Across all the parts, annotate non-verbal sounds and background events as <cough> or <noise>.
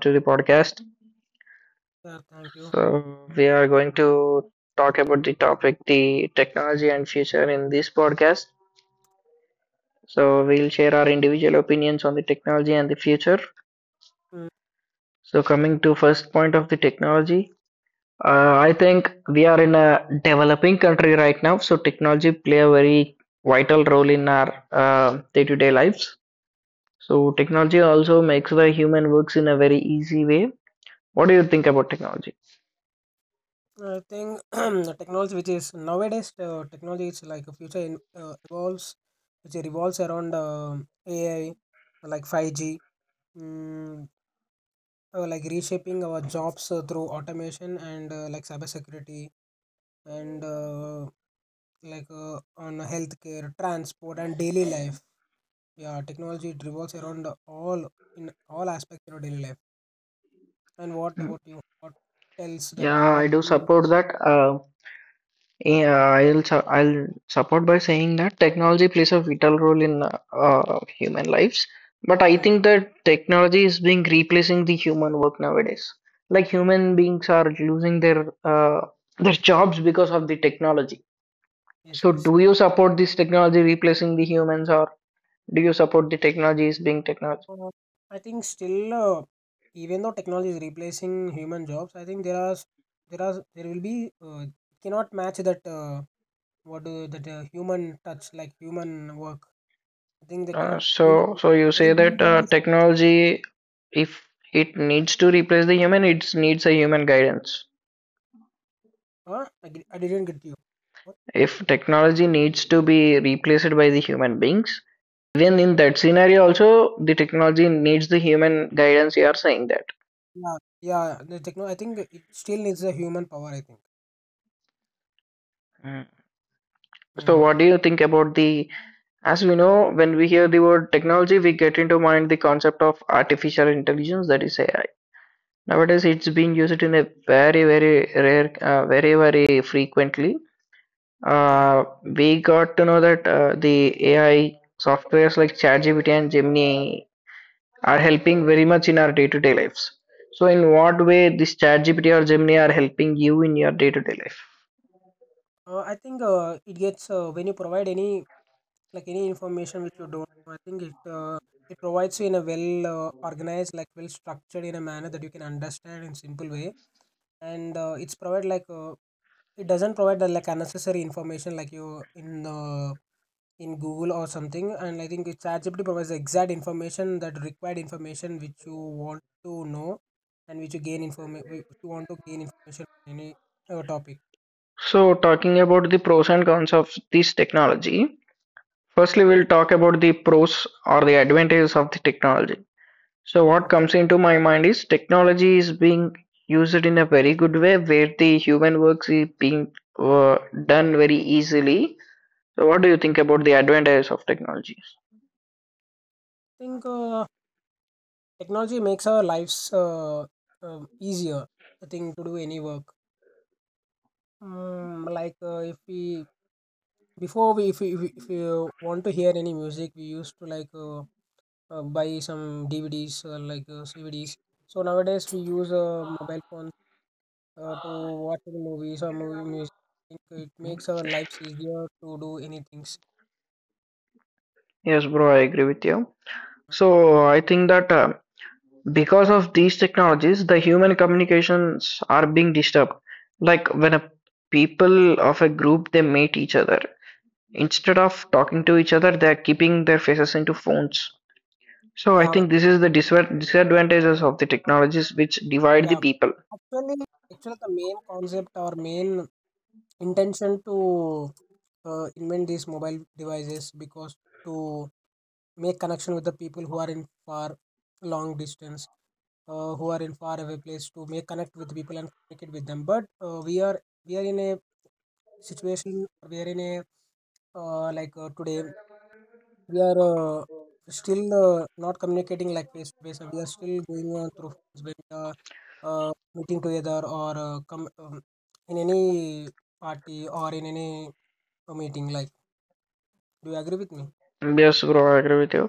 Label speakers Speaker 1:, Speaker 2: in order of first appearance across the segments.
Speaker 1: to the podcast.
Speaker 2: Yeah, thank you.
Speaker 1: So, we are going to talk about the topic the technology and future in this podcast. So, we'll share our individual opinions on the technology and the future.
Speaker 2: Mm,
Speaker 1: So, coming to first point of the technology, I think we are in a developing country right now, so technology play a very vital role in our day-to-day lives. So, technology also makes the human works in a very easy way. What do you think about technology?
Speaker 2: I think <clears throat> the technology which is nowadays, technology is like a future in, evolves, which revolves around AI, like 5G, mm, like reshaping our jobs through automation and like cybersecurity and on healthcare, transport, and daily life. Yeah, technology it revolves around all in all aspects of daily life. And what
Speaker 1: Hmm.
Speaker 2: about you? What tells that
Speaker 1: Yeah, I
Speaker 2: what?
Speaker 1: do
Speaker 2: You-
Speaker 1: support that. Yeah, I'll support by saying that technology plays a vital role in human lives. But I
Speaker 2: Mm,
Speaker 1: think that technology is being replacing the human work nowadays. Like human beings are losing their jobs because of the technology.
Speaker 2: Yes,
Speaker 1: So,
Speaker 2: yes.
Speaker 1: do you support this technology replacing the humans, or do you support the technology is being technology?
Speaker 2: Uh, I think still, even though technology is replacing human jobs, I think there are there will be cannot match that what do that human touch like human work. I think they
Speaker 1: Uh,
Speaker 2: cannot.
Speaker 1: so, so you
Speaker 2: I
Speaker 1: say
Speaker 2: think human
Speaker 1: that
Speaker 2: power is.
Speaker 1: technology, if it needs to replace the human, it needs a human guidance.
Speaker 2: Huh? I didn't get you. What?
Speaker 1: If technology needs to be replaced by the human beings, even in that scenario, also the technology needs the human guidance. You are saying that.
Speaker 2: Yeah, yeah. The techno. I think it still needs a human power. I think.
Speaker 1: Mm. So,
Speaker 2: Mm,
Speaker 1: what do you think about the? As we know, when we hear the word technology, we get into mind the concept of artificial intelligence, that is AI. Nowadays, it's being used in a very, very frequently.
Speaker 2: yeah.
Speaker 1: We got to know that the AI softwares like ChatGPT and Gemini are helping very much in our day-to-day lives. So, in what way this ChatGPT or Gemini are helping you in your day-to-day life?
Speaker 2: I think it gets when you provide any like any information which you don't know. I think it it provides you in a well organized, like well structured in a manner that you can understand in simple way. And it's provide like it doesn't provide the, like unnecessary information like you in Google or something. And I think it's ChatGPT provides the exact information that required information which you want to know and which you gain inform you want to gain information on any topic.
Speaker 1: So, talking about the pros and cons of this technology, firstly, we'll talk about the pros or the advantages of the technology. So, what
Speaker 2: Okay.
Speaker 1: comes into my mind is technology is being used in a very good way where the human works is being uh, done very easily. So, what do you think about the advantages of technologies?
Speaker 2: I think technology makes our lives easier. I think to do any work. Like if we before we if we want to hear any music, we used to like buy some DVDs or like CVDs. So nowadays we use a mobile phone to watch the movies or movie music. I think it makes our lives easier to do any things.
Speaker 1: Yes, bro, I agree with you. So, I think that because of these technologies, the human communications are being disturbed. Like when a people of a group they meet each other, instead of talking to each other, they are keeping their faces into phones. So, I
Speaker 2: Yeah,
Speaker 1: think this is the disadvantages of the technologies which divide the
Speaker 2: yeah.
Speaker 1: people.
Speaker 2: Actually, actually, the main concept or main intention to invent these mobile devices because to make connection with the people who are in far long distance who are in far away place to make connect with people and communicate with them but we are in a situation we are in a today we are still not communicating like face to face, we are still going on through phones when we are uh, meeting together or come in any party or in any meeting. Like, do you agree with me?
Speaker 1: Yes, bro, I agree with you.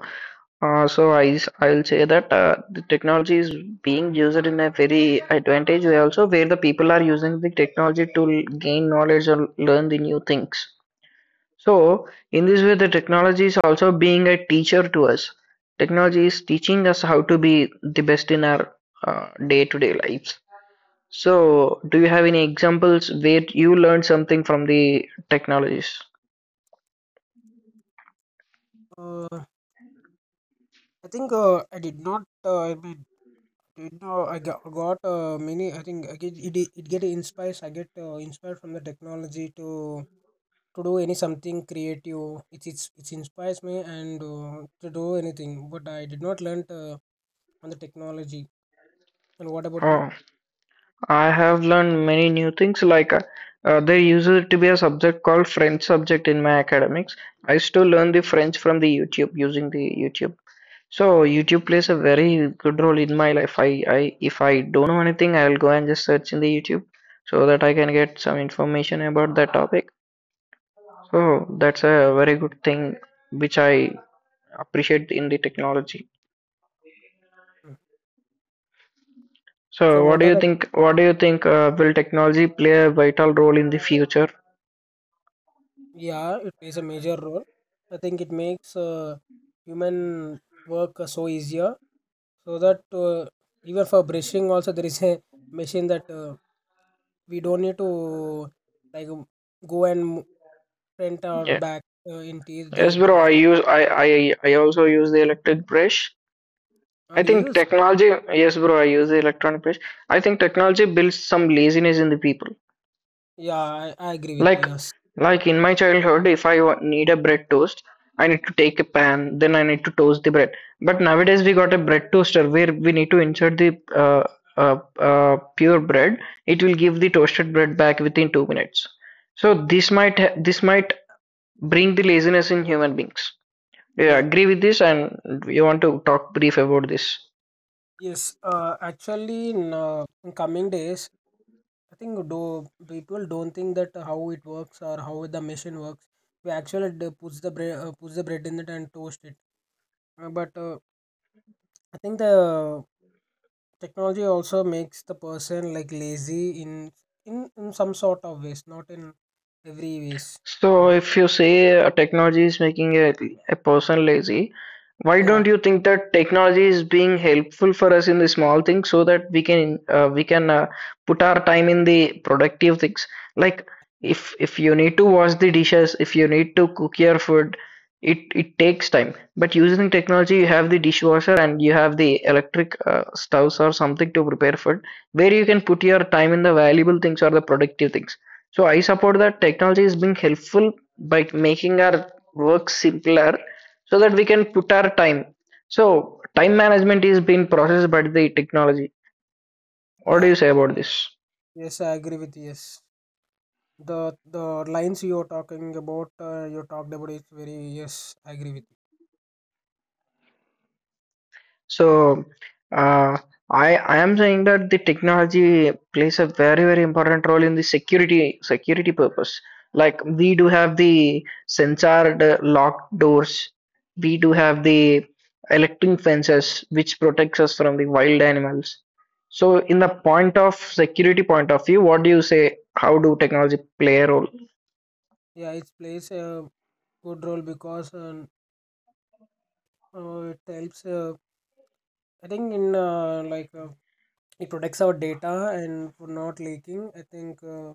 Speaker 1: I'll say that the technology is being used in a very advantage way also where the people are using the technology to gain knowledge or learn the new things. So in this way, the technology is also being a teacher to us. Technology is teaching us how to be the best in our day-to-day lives. So do you have any examples where you learned something from the technologies?
Speaker 2: Uh, I think I did not. I mean, did not. I got many. I think I get it. It get inspires. I get inspired from the technology to do any something creative. It inspires me and to do anything. But I did not learn on the technology. And what about you?
Speaker 1: Oh. I have learned many new things. Like there used to be a subject called French subject in my academics. I used to learn the French from the YouTube using the YouTube. So YouTube plays a very good role in my life. I if I don't know anything, I'll go and just search in the YouTube so that I can get some information about that topic. So that's a very good thing which I appreciate in the technology.
Speaker 2: Mm. So
Speaker 1: So what
Speaker 2: what
Speaker 1: do
Speaker 2: are
Speaker 1: you
Speaker 2: the?
Speaker 1: think? What do you think will technology play a vital role in the future?
Speaker 2: Yeah, it plays a major role. I think it makes human work so easier. So that even for brushing also there is a machine that. We don't need to like go and print our
Speaker 1: Yeah.
Speaker 2: back in teeth that
Speaker 1: Yes, bro.
Speaker 2: there is
Speaker 1: I also use the electric brush. I
Speaker 2: do
Speaker 1: think
Speaker 2: use.
Speaker 1: technology. Yes, bro. I use the electronic brush. I think technology builds some laziness in the people.
Speaker 2: Yeah, I agree with
Speaker 1: Like
Speaker 2: you, yes,
Speaker 1: like in my childhood, if I need a bread toast, I need to take a pan, then I need to toast the bread. But nowadays we got a bread toaster where we need to insert the pure bread. It will give the toasted bread back within 2 minutes. So this might bring the laziness in human beings. Yeah,
Speaker 2: yeah,
Speaker 1: agree with this, and we want to talk brief about this.
Speaker 2: yes. Actually in coming days, I think do people don't think that how it works or how the machine works. We actually puts the bread in it and toast it. But I think the technology also makes the person like lazy in in some sort of ways, not in every ways. I
Speaker 1: So
Speaker 2: think.
Speaker 1: if you say technology is making a person lazy, why
Speaker 2: Yeah,
Speaker 1: don't you think that technology is being helpful for us in the small things so that we can put our time in the productive things? Like if you need to wash the dishes, if you need to cook your food, it takes time. But using technology, you have the dishwasher and you have the electric stoves or something to prepare food, where you can put your time in the valuable things or the productive things so I support that technology is being helpful by making our work simpler so that we can put our time. So time management is being processed by the technology. What do
Speaker 2: yeah.
Speaker 1: you say about this?
Speaker 2: Yes, I agree with you, yes. The lines you are talking about, you talked about it's very yes, I agree with you.
Speaker 1: So, uh, I am saying that the technology plays a very very important role in the security security purpose. Like we do have the sensored locked doors, we do have the electric fences which protects us from the wild animals. So, in the point of security point of view, what do you say? How do technology play a role?
Speaker 2: Yeah, it plays a good role because it helps. I think in like it protects our data and for not leaking. I think.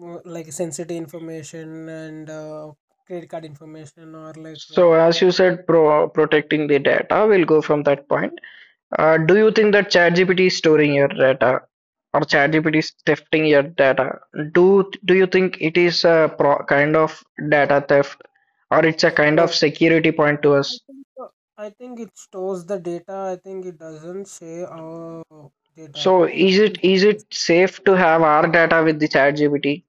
Speaker 2: More like sensitive information and credit card information or like
Speaker 1: So, as you said, protecting the data, we'll go from that point. Do you think that ChatGPT is storing your data or ChatGPT is thefting your data? Do you think it is a pro kind of data theft or it's a kind
Speaker 2: so,
Speaker 1: of security point to
Speaker 2: I
Speaker 1: us?
Speaker 2: think uh, I think it stores the data. I think it doesn't share our data. I
Speaker 1: So
Speaker 2: think it saves
Speaker 1: is
Speaker 2: the-
Speaker 1: it safe to have our data with the ChatGPT?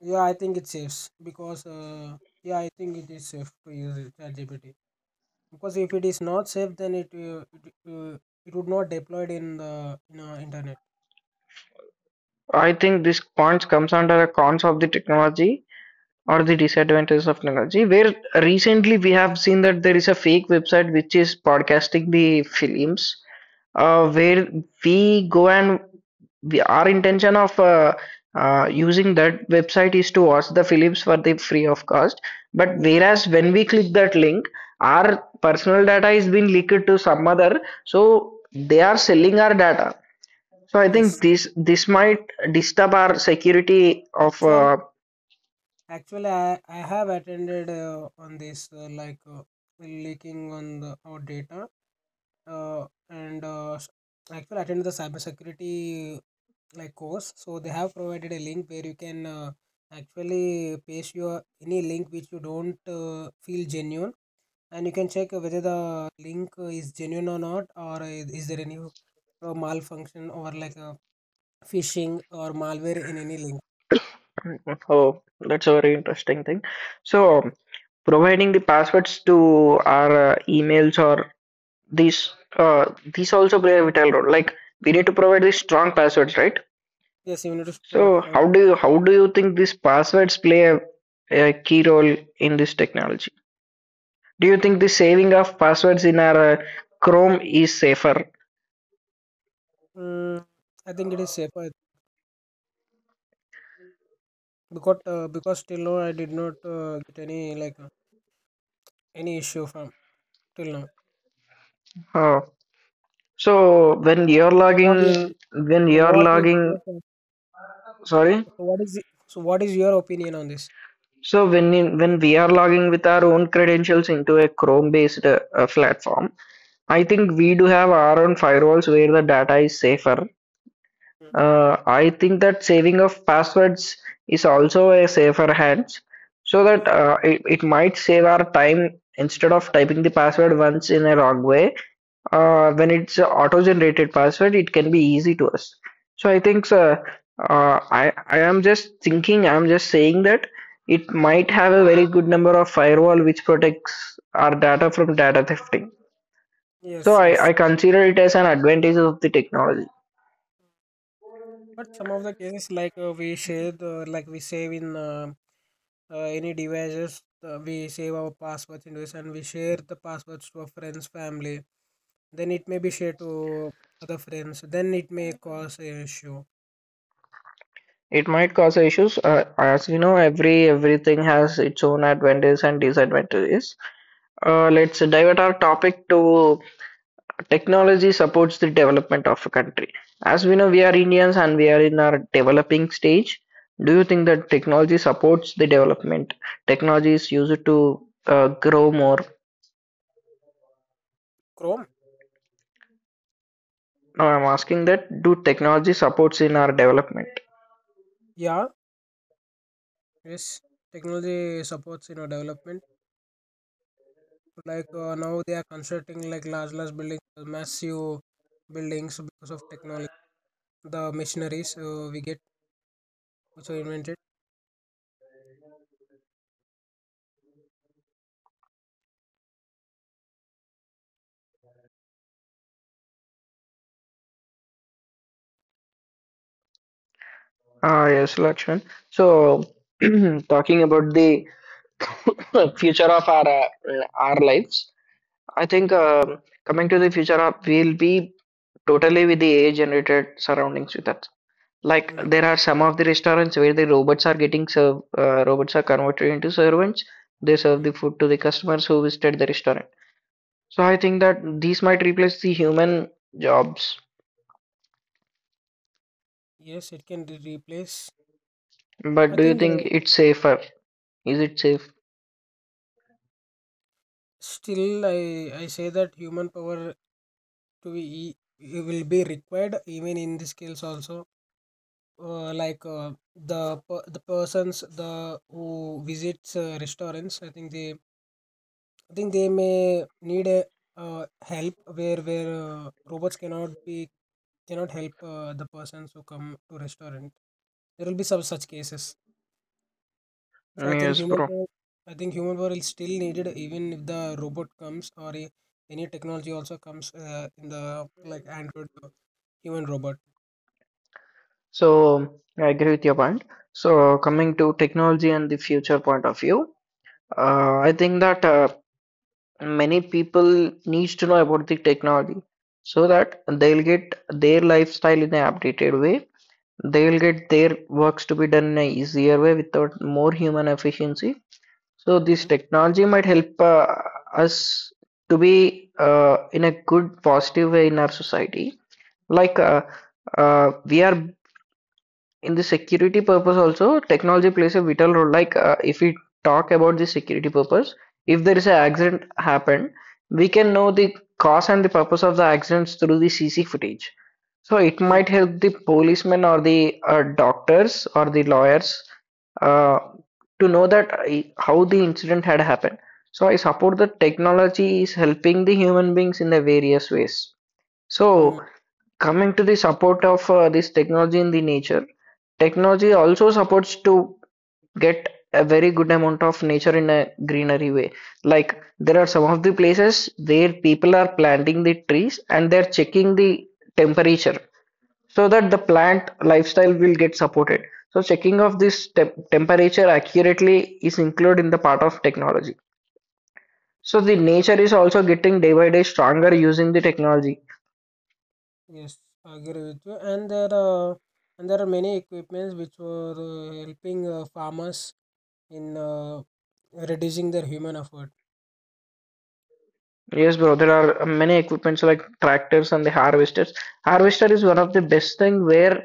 Speaker 2: yeah, I think it saves because yeah, I think it is safe to use it, ChatGPT, because if it is not safe, then it it would not deployed in the in our internet.
Speaker 1: I think this point comes under the cons of the technology or the disadvantages of technology, where recently we have seen that there is a fake website which is podcasting the films where we go and we, our intention of using that website is to watch the films for the free of cost. But
Speaker 2: Yes,
Speaker 1: whereas when we click that link, our personal data is being leaked to some other, so they are selling our data. So I think
Speaker 2: yes.
Speaker 1: this might disturb our security of
Speaker 2: Actually, I have attended on this leaking on the our data and actually attended the cybersecurity like course. So they have provided a link where you can actually paste your any link which you don't feel genuine, and you can check whether the link is genuine or not, or is there any malfunction or like phishing or malware in any link.
Speaker 1: oh that's a very interesting thing. So providing the passwords to our emails or these uh, these also play a vital role. Like we need to provide these strong passwords, right?
Speaker 2: Yes, you need to provide
Speaker 1: So
Speaker 2: strong.
Speaker 1: how do you think these passwords play a key role in this technology? Do you think the saving of passwords in our Chrome is safer?
Speaker 2: Mm, I think it is safer because till now I did not get any like any issue from till now.
Speaker 1: Uh,
Speaker 2: So what do you think?
Speaker 1: when
Speaker 2: So
Speaker 1: you're
Speaker 2: what is
Speaker 1: logging,
Speaker 2: your
Speaker 1: sorry.
Speaker 2: so what is the, so what is your opinion on this?
Speaker 1: So when we are logging with our own credentials into a Chrome-based platform, I think
Speaker 2: Okay.
Speaker 1: we do have our own firewalls where the data is safer. I think that saving of passwords is also a safer hands, so
Speaker 2: Mhm.
Speaker 1: that it might save our time instead of typing the password once in a wrong way. When it's a auto-generated password, it can be easy to us. So I think sir, I am just thinking, I'm just saying that it might have a very good number of firewall which protects our data from data thefting. So
Speaker 2: Yes, yes.
Speaker 1: I consider it as an advantage of the technology.
Speaker 2: But some of the cases like we share the like we save in any devices, we save our passwords in this and we share the passwords to our friends, family. Then it may be shared to other friends. Then it may cause an issue.
Speaker 1: It might cause issues, as you know, everything has its own advantages and disadvantages. Let's divert our topic to technology supports the development of a country. As we know, we are Indians and we are in our developing stage. Do you think that technology supports the development? Technology is used to grow more.
Speaker 2: Chrome.
Speaker 1: Now I'm asking that do technology supports in our development?
Speaker 2: Yeah. Yes, technology supports you know development. Like now they are constructing like large buildings, massive buildings because of technology. The machineries we get also invented.
Speaker 1: Ah, yes, Lakshman. So <clears throat> talking about the <laughs> future of our lives, I think coming to the future of we'll be totally with the AI generated surroundings with us, like
Speaker 2: Mm,
Speaker 1: there are some of the restaurants where the robots are getting serve, robots are converted into servants, they serve
Speaker 2: mm.
Speaker 1: the food to the customers who visited the restaurant. So I think that these might replace the human jobs,
Speaker 2: Yes, it can replace.
Speaker 1: but
Speaker 2: I
Speaker 1: do you
Speaker 2: think
Speaker 1: think it's safer? Is it safe?
Speaker 2: still I say that human power to be it will be required even in the skills also. Like the the persons the who visits restaurants, I think they may need a help where robots cannot help the persons who come to restaurant. There will be some such cases. So I think
Speaker 1: Yes
Speaker 2: human
Speaker 1: bro,
Speaker 2: power, I think human power is still needed even if the robot comes or a, any technology also comes in the like Android human robot.
Speaker 1: so I agree with your point. So coming to technology and the future point of view, I think that many people needs to know about the technology so that they'll get their lifestyle in an updated way. They'll get their works to be done in a easier way without more human efficiency. So this
Speaker 2: Mhm.
Speaker 1: technology might help us to be in a good positive way in our society. Like we are in the security purpose also, technology plays a vital role. Like if we talk about the security purpose, if there is an accident happened, we can know the cause and the purpose of the accidents through the CC footage. So it
Speaker 2: mm
Speaker 1: might help the policemen or the doctors or the lawyers uh, to know that how the incident had happened. So I support that technology is helping the human beings in the various ways. So
Speaker 2: mm
Speaker 1: coming to the support of this technology in the nature, technology also supports to get a very good amount of nature in a greenery way. Like there are some of the places where people are planting the trees and they're checking the temperature so that the plant lifestyle will get supported. So checking of this temperature accurately is included in the part of technology. So
Speaker 2: Yes,
Speaker 1: the
Speaker 2: yes,
Speaker 1: nature is also getting day by day stronger using the technology.
Speaker 2: yes. I agree with you. And there are many equipments which were helping farmers in reducing their human effort.
Speaker 1: Yes, bro, there are many equipments like tractors and the harvesters. Harvester is one of the best thing where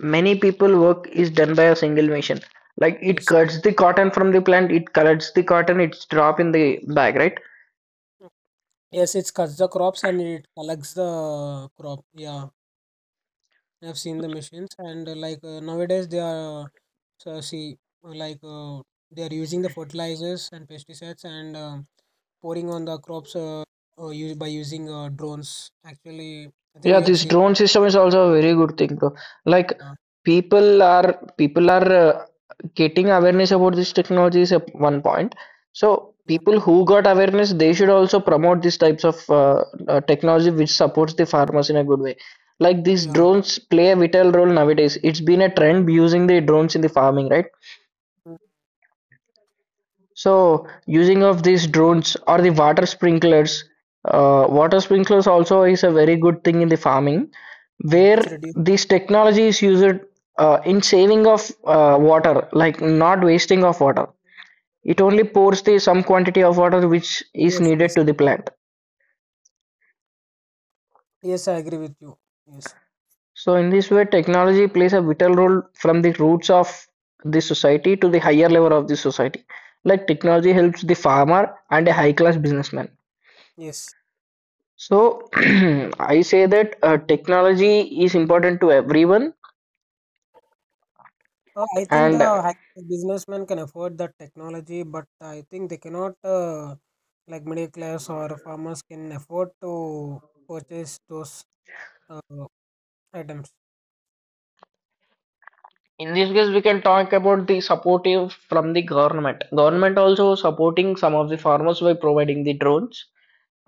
Speaker 1: many people work is done by a single machine. Like it
Speaker 2: Yes,
Speaker 1: cuts the cotton from the plant, it collects the cotton, it's drop in the bag, right?
Speaker 2: yes, it cuts the crops and it collects the crop. Yeah, I've seen the machines and like nowadays they are so see uh, like uh, they are using the fertilizers and pesticides and pouring on the crops by using drones. Actually, I think
Speaker 1: Yeah,
Speaker 2: you have
Speaker 1: this
Speaker 2: seen.
Speaker 1: drone system is also a very good thing, bro. Like
Speaker 2: Uh,
Speaker 1: people are getting awareness about this technology is a one point. So
Speaker 2: yeah,
Speaker 1: people who got awareness, they should also promote these types of technology which supports the farmers in a good way. Like these
Speaker 2: yeah,
Speaker 1: drones play a vital role nowadays. It's been a trend using the drones in the farming, right? So using of these drones or the water sprinklers, water sprinklers also is a very good thing in the farming, where
Speaker 2: it's reduced.
Speaker 1: this technology is used in saving of water, like not wasting of water. It only pours the some quantity of water which is
Speaker 2: Yes,
Speaker 1: needed
Speaker 2: yes,
Speaker 1: to the plant.
Speaker 2: yes. I agree with you. Yes,
Speaker 1: So in this way, technology plays a vital role from the roots of the society to the higher level of the society. Like technology helps the farmer and a high class businessman.
Speaker 2: yes.
Speaker 1: So <clears throat> I say that technology is important to everyone,
Speaker 2: I think the
Speaker 1: and
Speaker 2: high businessmen can afford that technology, but I think they cannot, like middle class or farmers, can afford to purchase those uh, items.
Speaker 1: in this case, we can talk about the supportive from the government. Government also supporting some of the farmers by providing the drones,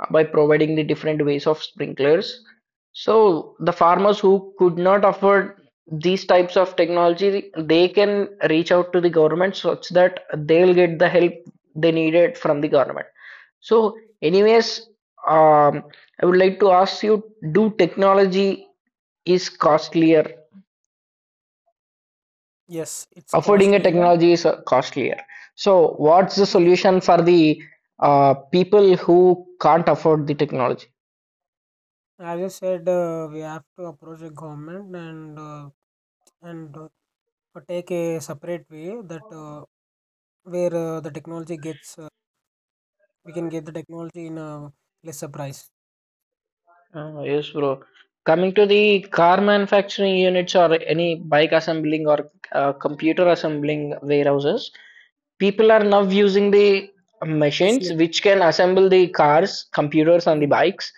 Speaker 1: by providing the different ways of sprinklers. So the farmers who could not afford these types of technology, they can reach out to the government such that they'll get the help they needed from the government. So, anyways, um, I would like to ask you: do technology is costlier?
Speaker 2: Yes, it's
Speaker 1: Affording a
Speaker 2: costly.
Speaker 1: technology is costlier. So, what's the solution for the people who can't afford the technology?
Speaker 2: As you said, we have to approach the government and and uh, take a separate way that where the technology gets, we can get the technology in a lesser price.
Speaker 1: Yes, bro. Coming to the car manufacturing units or any bike assembling or computer assembling warehouses, people are now using the machines
Speaker 2: Machine-
Speaker 1: which can assemble the cars, computers, and the bikes.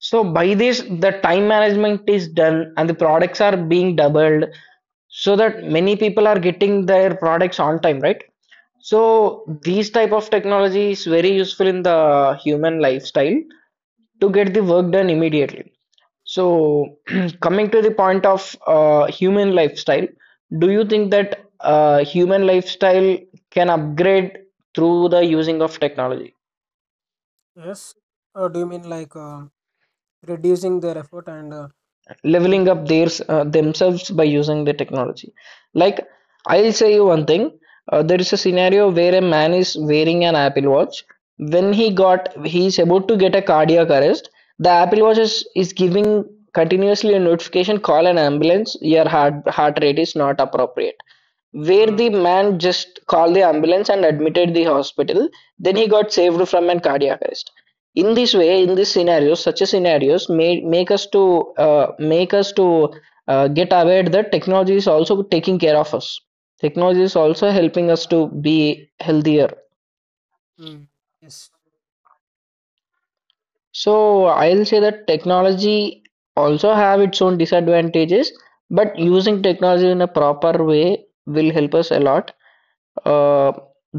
Speaker 1: So by this, the time management is done and the products are being doubled so that many people are getting their products on time, right? So these type of technology is very useful in the human lifestyle to get the work done immediately. So <clears throat> coming to the point of human lifestyle, do you think that human lifestyle can upgrade through the using of technology,
Speaker 2: Yes. Do you mean like reducing their effort and Mm,
Speaker 1: leveling up their themselves by using the technology? Like I'll say you one thing. There is a scenario where a man is wearing an Apple Watch. When he's about to get a cardiac arrest, the Apple Watch is giving continuously a notification, call an ambulance, your heart rate is not appropriate. Where
Speaker 2: yeah.
Speaker 1: the man just called the ambulance and admitted the hospital, then he got saved from an cardiac arrest. In this way, in this scenario, such a scenarios may make us to get aware that technology is also taking care of us. Technology is also helping us to be healthier.
Speaker 2: Mm. Yes.
Speaker 1: So I'll say that technology also have its own disadvantages, but using technology in a proper way will help us a lot. uh,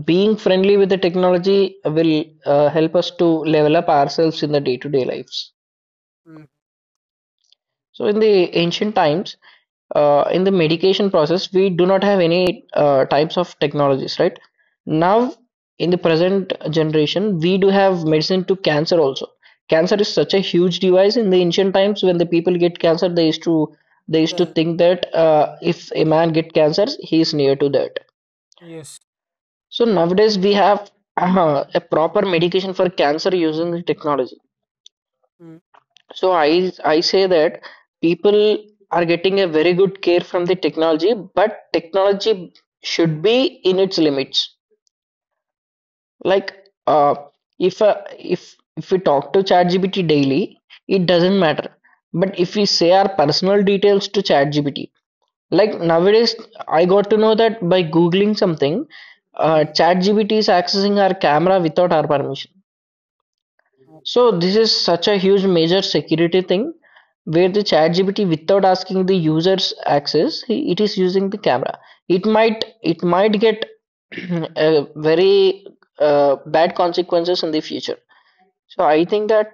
Speaker 1: being friendly with the technology will help us to level up ourselves in the day-to-day lives.
Speaker 2: Mm.
Speaker 1: So, in the ancient times, in the medication process, we do not have any types of technologies, right? Now, in the present generation, we do have medicine to cancer also. Cancer is such a huge device. In the ancient times, when the people get cancer, they used to
Speaker 2: The,
Speaker 1: think that if a man get cancer, he is near to that.
Speaker 2: yes.
Speaker 1: So nowadays we have a proper medication for cancer using the technology.
Speaker 2: Mm.
Speaker 1: So I say that people are getting a very good care from the technology, but technology should be in its limits. Like uh, if if we talk to ChatGPT daily, it doesn't matter. But if we say our personal details to ChatGPT, like nowadays I got to know that by googling something,
Speaker 2: Mm.
Speaker 1: ChatGPT is accessing our camera without our permission.
Speaker 2: Okay.
Speaker 1: So this is such a huge major security thing where the ChatGPT without asking the user's access, it is using the camera. It might get <clears throat> very bad consequences in the future. So I think that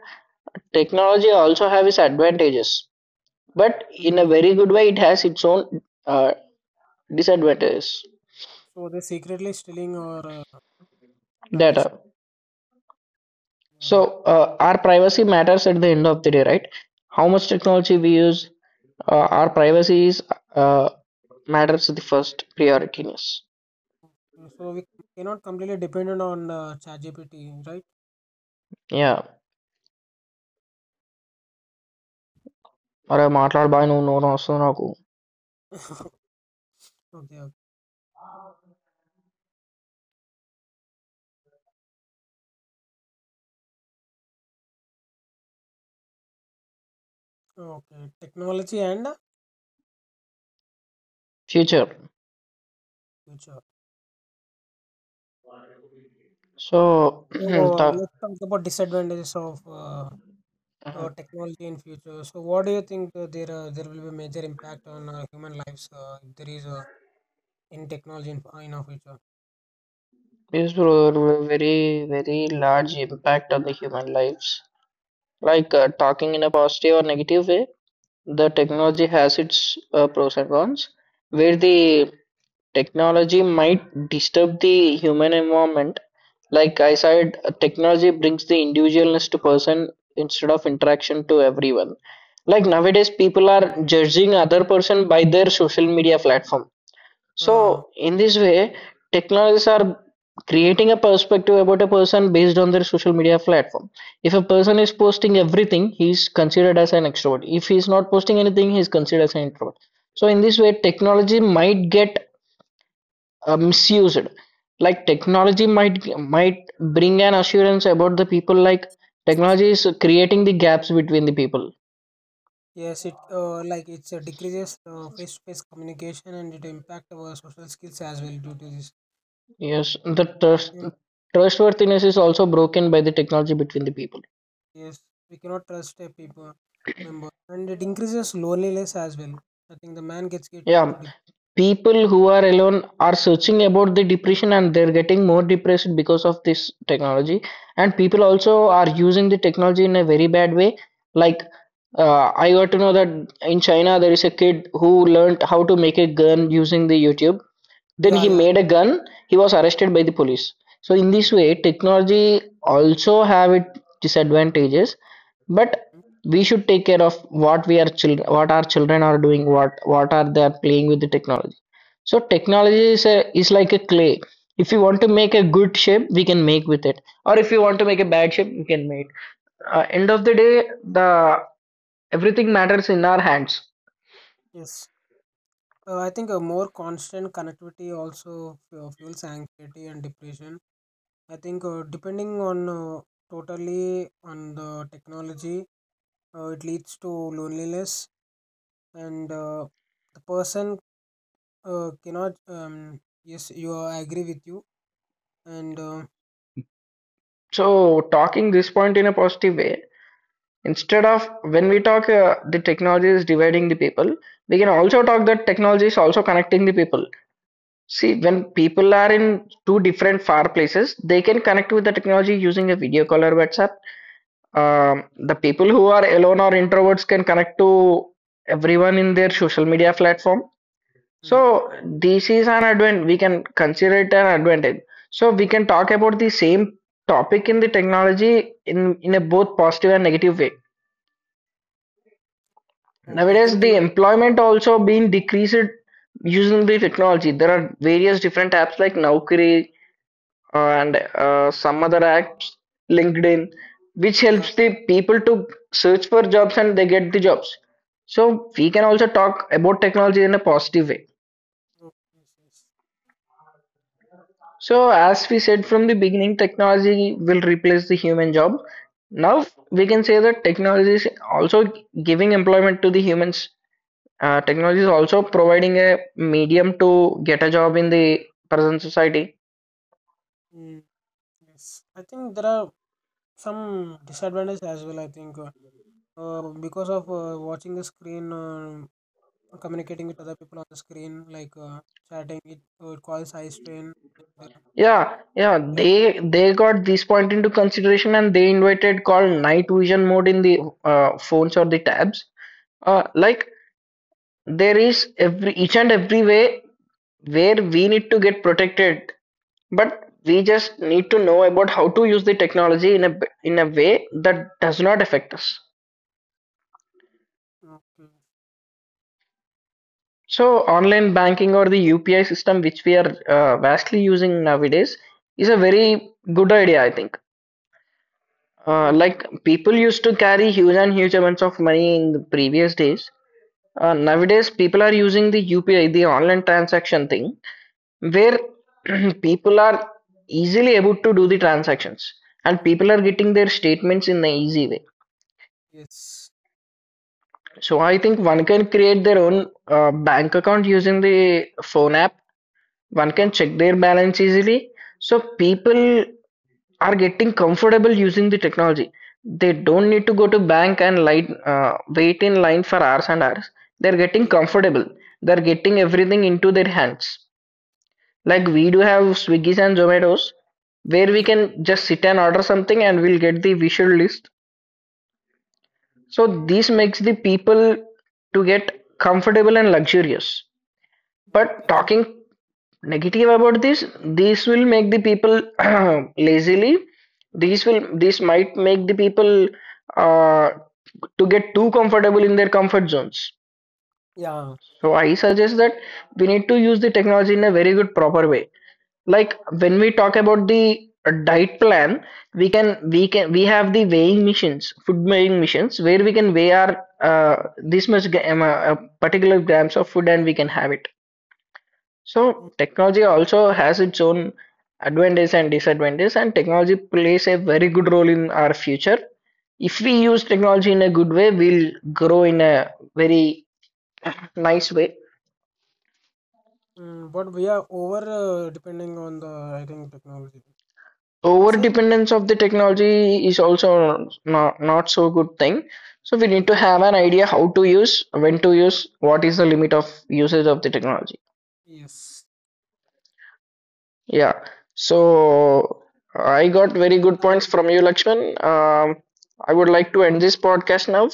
Speaker 1: technology also have its advantages, but in a
Speaker 2: Yeah.
Speaker 1: very good way, it has its own uh, disadvantages.
Speaker 2: So they're secretly stealing our privacy.
Speaker 1: Data.
Speaker 2: Uh,
Speaker 1: So our privacy matters at the end of the day, right? How much
Speaker 2: mm.
Speaker 1: technology we use, our privacy is uh, matters the first priorityness.
Speaker 2: So we cannot completely dependent on ChatGPT, right?
Speaker 1: Yeah, or a matter of buying own something.
Speaker 2: Okay. Okay. Okay. Technology and
Speaker 1: Future.
Speaker 2: future.
Speaker 1: So
Speaker 2: So
Speaker 1: talk.
Speaker 2: let's talk about disadvantages of technology in future. So what do you think there will be major impact on human lives if there is any technology in our future?
Speaker 1: This will have a very large impact on the human lives. Like talking in a positive or negative way. The technology has its pros and cons. Where the technology might disturb the human environment. Like I said, technology brings the individualness to person instead of interaction to everyone. Like
Speaker 2: Yeah.
Speaker 1: nowadays, people are judging other person by their social media platform.
Speaker 2: uh,
Speaker 1: So in this way, technologies are creating a perspective about a person based on their social media platform. If a person is posting everything, he is considered as an extrovert. If he is not posting anything, he is considered as an introvert. So in this way, technology might get misused, like technology might bring an assurance about the people, like technology is creating the gaps between the people.
Speaker 2: Yes, it like it's decreases face-to-face communication and it impact our social skills as well due to this.
Speaker 1: Yes, the trust
Speaker 2: And
Speaker 1: trustworthiness is also broken by the technology between the people.
Speaker 2: yes, we cannot trust a people member, and it increases loneliness as well. I think the man gets get
Speaker 1: Yeah.
Speaker 2: into deep.
Speaker 1: People who are alone are searching about the depression and they're getting more depressed because of this technology. And people also are using the technology in a very bad way. Like, I got to know that in China there is a kid who learned how to make a gun using the YouTube, then
Speaker 2: Yeah,
Speaker 1: he
Speaker 2: yeah.
Speaker 1: made a gun, he was arrested by the police. So in this
Speaker 2: Yes.
Speaker 1: way technology also have its disadvantages, but
Speaker 2: Mm.
Speaker 1: we should take care of what we are children, what our children are doing, what are they playing with the technology. So technology is like a clay. If you want to make a good shape we can make with it, or if you want to make a bad shape you can make. End of the day the everything matters in our hands.
Speaker 2: Yes. I think a more constant connectivity also fuels anxiety and depression. I think depending on totally on the technology, it leads to loneliness and the person cannot. Yes, you are, I agree with you. And
Speaker 1: So talking this point in a positive way, instead of when we talk the technology is dividing the people, we can also talk that technology is also connecting the people. See, when people are in two different far places, they can connect with the technology using a video call or WhatsApp. The people who are alone or introverts can connect to everyone in their social media platform. So
Speaker 2: mm,
Speaker 1: this is an advantage. We can consider it an advantage. So we can talk about the same topic in the technology in a both positive and negative way.
Speaker 2: okay,
Speaker 1: Nowadays,
Speaker 2: can
Speaker 1: the
Speaker 2: tell.
Speaker 1: employment also being decreased using the technology. There are various different apps like Naukri and some other apps, LinkedIn, which
Speaker 2: Yeah.
Speaker 1: helps the people to search for jobs and they get the jobs. So we can also talk about technology in a positive way.
Speaker 2: Oh, yes, yes.
Speaker 1: So as we said from the beginning, technology will replace the human job. Now we can say that technology is also giving employment to the humans. Technology is also providing a medium to get a job in the present society.
Speaker 2: Mm, yes. I think there are some disadvantages as well. I think because of watching the screen, communicating with other people on the screen, like chatting, it causes eye strain. And,
Speaker 1: Yeah, yeah,
Speaker 2: like
Speaker 1: they got this point into consideration and they invited called night vision mode in the phones or the tabs. Like there is every each and every way where we need to get protected, but we just need to know about how to use the technology in a way that does not affect us.
Speaker 2: okay.
Speaker 1: So online banking or the UPI system which we are vastly using nowadays is a very good idea, I think.
Speaker 2: Mm-hmm.
Speaker 1: Like people used to carry huge and huge amounts of money in the previous days. Nowadays, people are using the UPI, the online transaction thing, where <clears throat> people are easily able to do the transactions and
Speaker 2: mm,
Speaker 1: people are getting their statements in the easy way.
Speaker 2: yes.
Speaker 1: So I think one can create their own bank account using the phone app, one can check their balance easily. So people are getting comfortable using the technology. They don't need to go to bank and line, wait in line for hours and hours. They're getting
Speaker 2: Yeah.
Speaker 1: comfortable. They're getting everything into their hands. Like
Speaker 2: Mm,
Speaker 1: we do have Swiggy's and Zomato's where we
Speaker 2: mm,
Speaker 1: can just sit and order something and we'll get the visual list. So this makes the people to get comfortable and luxurious.
Speaker 2: I
Speaker 1: But
Speaker 2: think.
Speaker 1: talking negative about this, this will make the people <clears throat> lazily. This might make the people uh, to get too comfortable in their comfort zones.
Speaker 2: Yeah.
Speaker 1: So I suggest that we need to use the technology in a very good proper way. Like when we talk about the diet plan, we have the weighing machines, food weighing machines, where we can weigh our uh, this much gra- um, uh, uh, particular grams of food and we can have it. So technology also has its own advantages and disadvantages, and technology plays a very good role in our future. If we use technology in a good way, we'll grow in a very nice way.
Speaker 2: But we are over depending on the, I think, technology.
Speaker 1: Over
Speaker 2: Say,
Speaker 1: dependence of the technology is also not so good thing. So we need to have an idea how to use, when to use, what is the limit of usage of the technology.
Speaker 2: yes.
Speaker 1: Yeah. So I got very good
Speaker 2: Thank
Speaker 1: points
Speaker 2: you,
Speaker 1: from you, Lakshman. I would like to end this podcast now.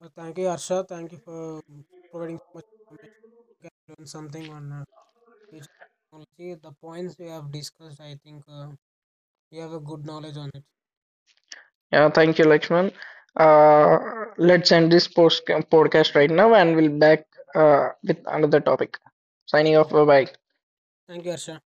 Speaker 2: Thank you, Arsha. Thank you for um, providing so much information. We can learn something on future technology. The points we have discussed, I think, we have a good knowledge on it.
Speaker 1: Yeah, thank you, Lakshman. Uh, let's end this post podcast right now, and we'll back with another topic. Signing off.
Speaker 2: Okay.
Speaker 1: Bye bye.
Speaker 2: Thank you, Arsha.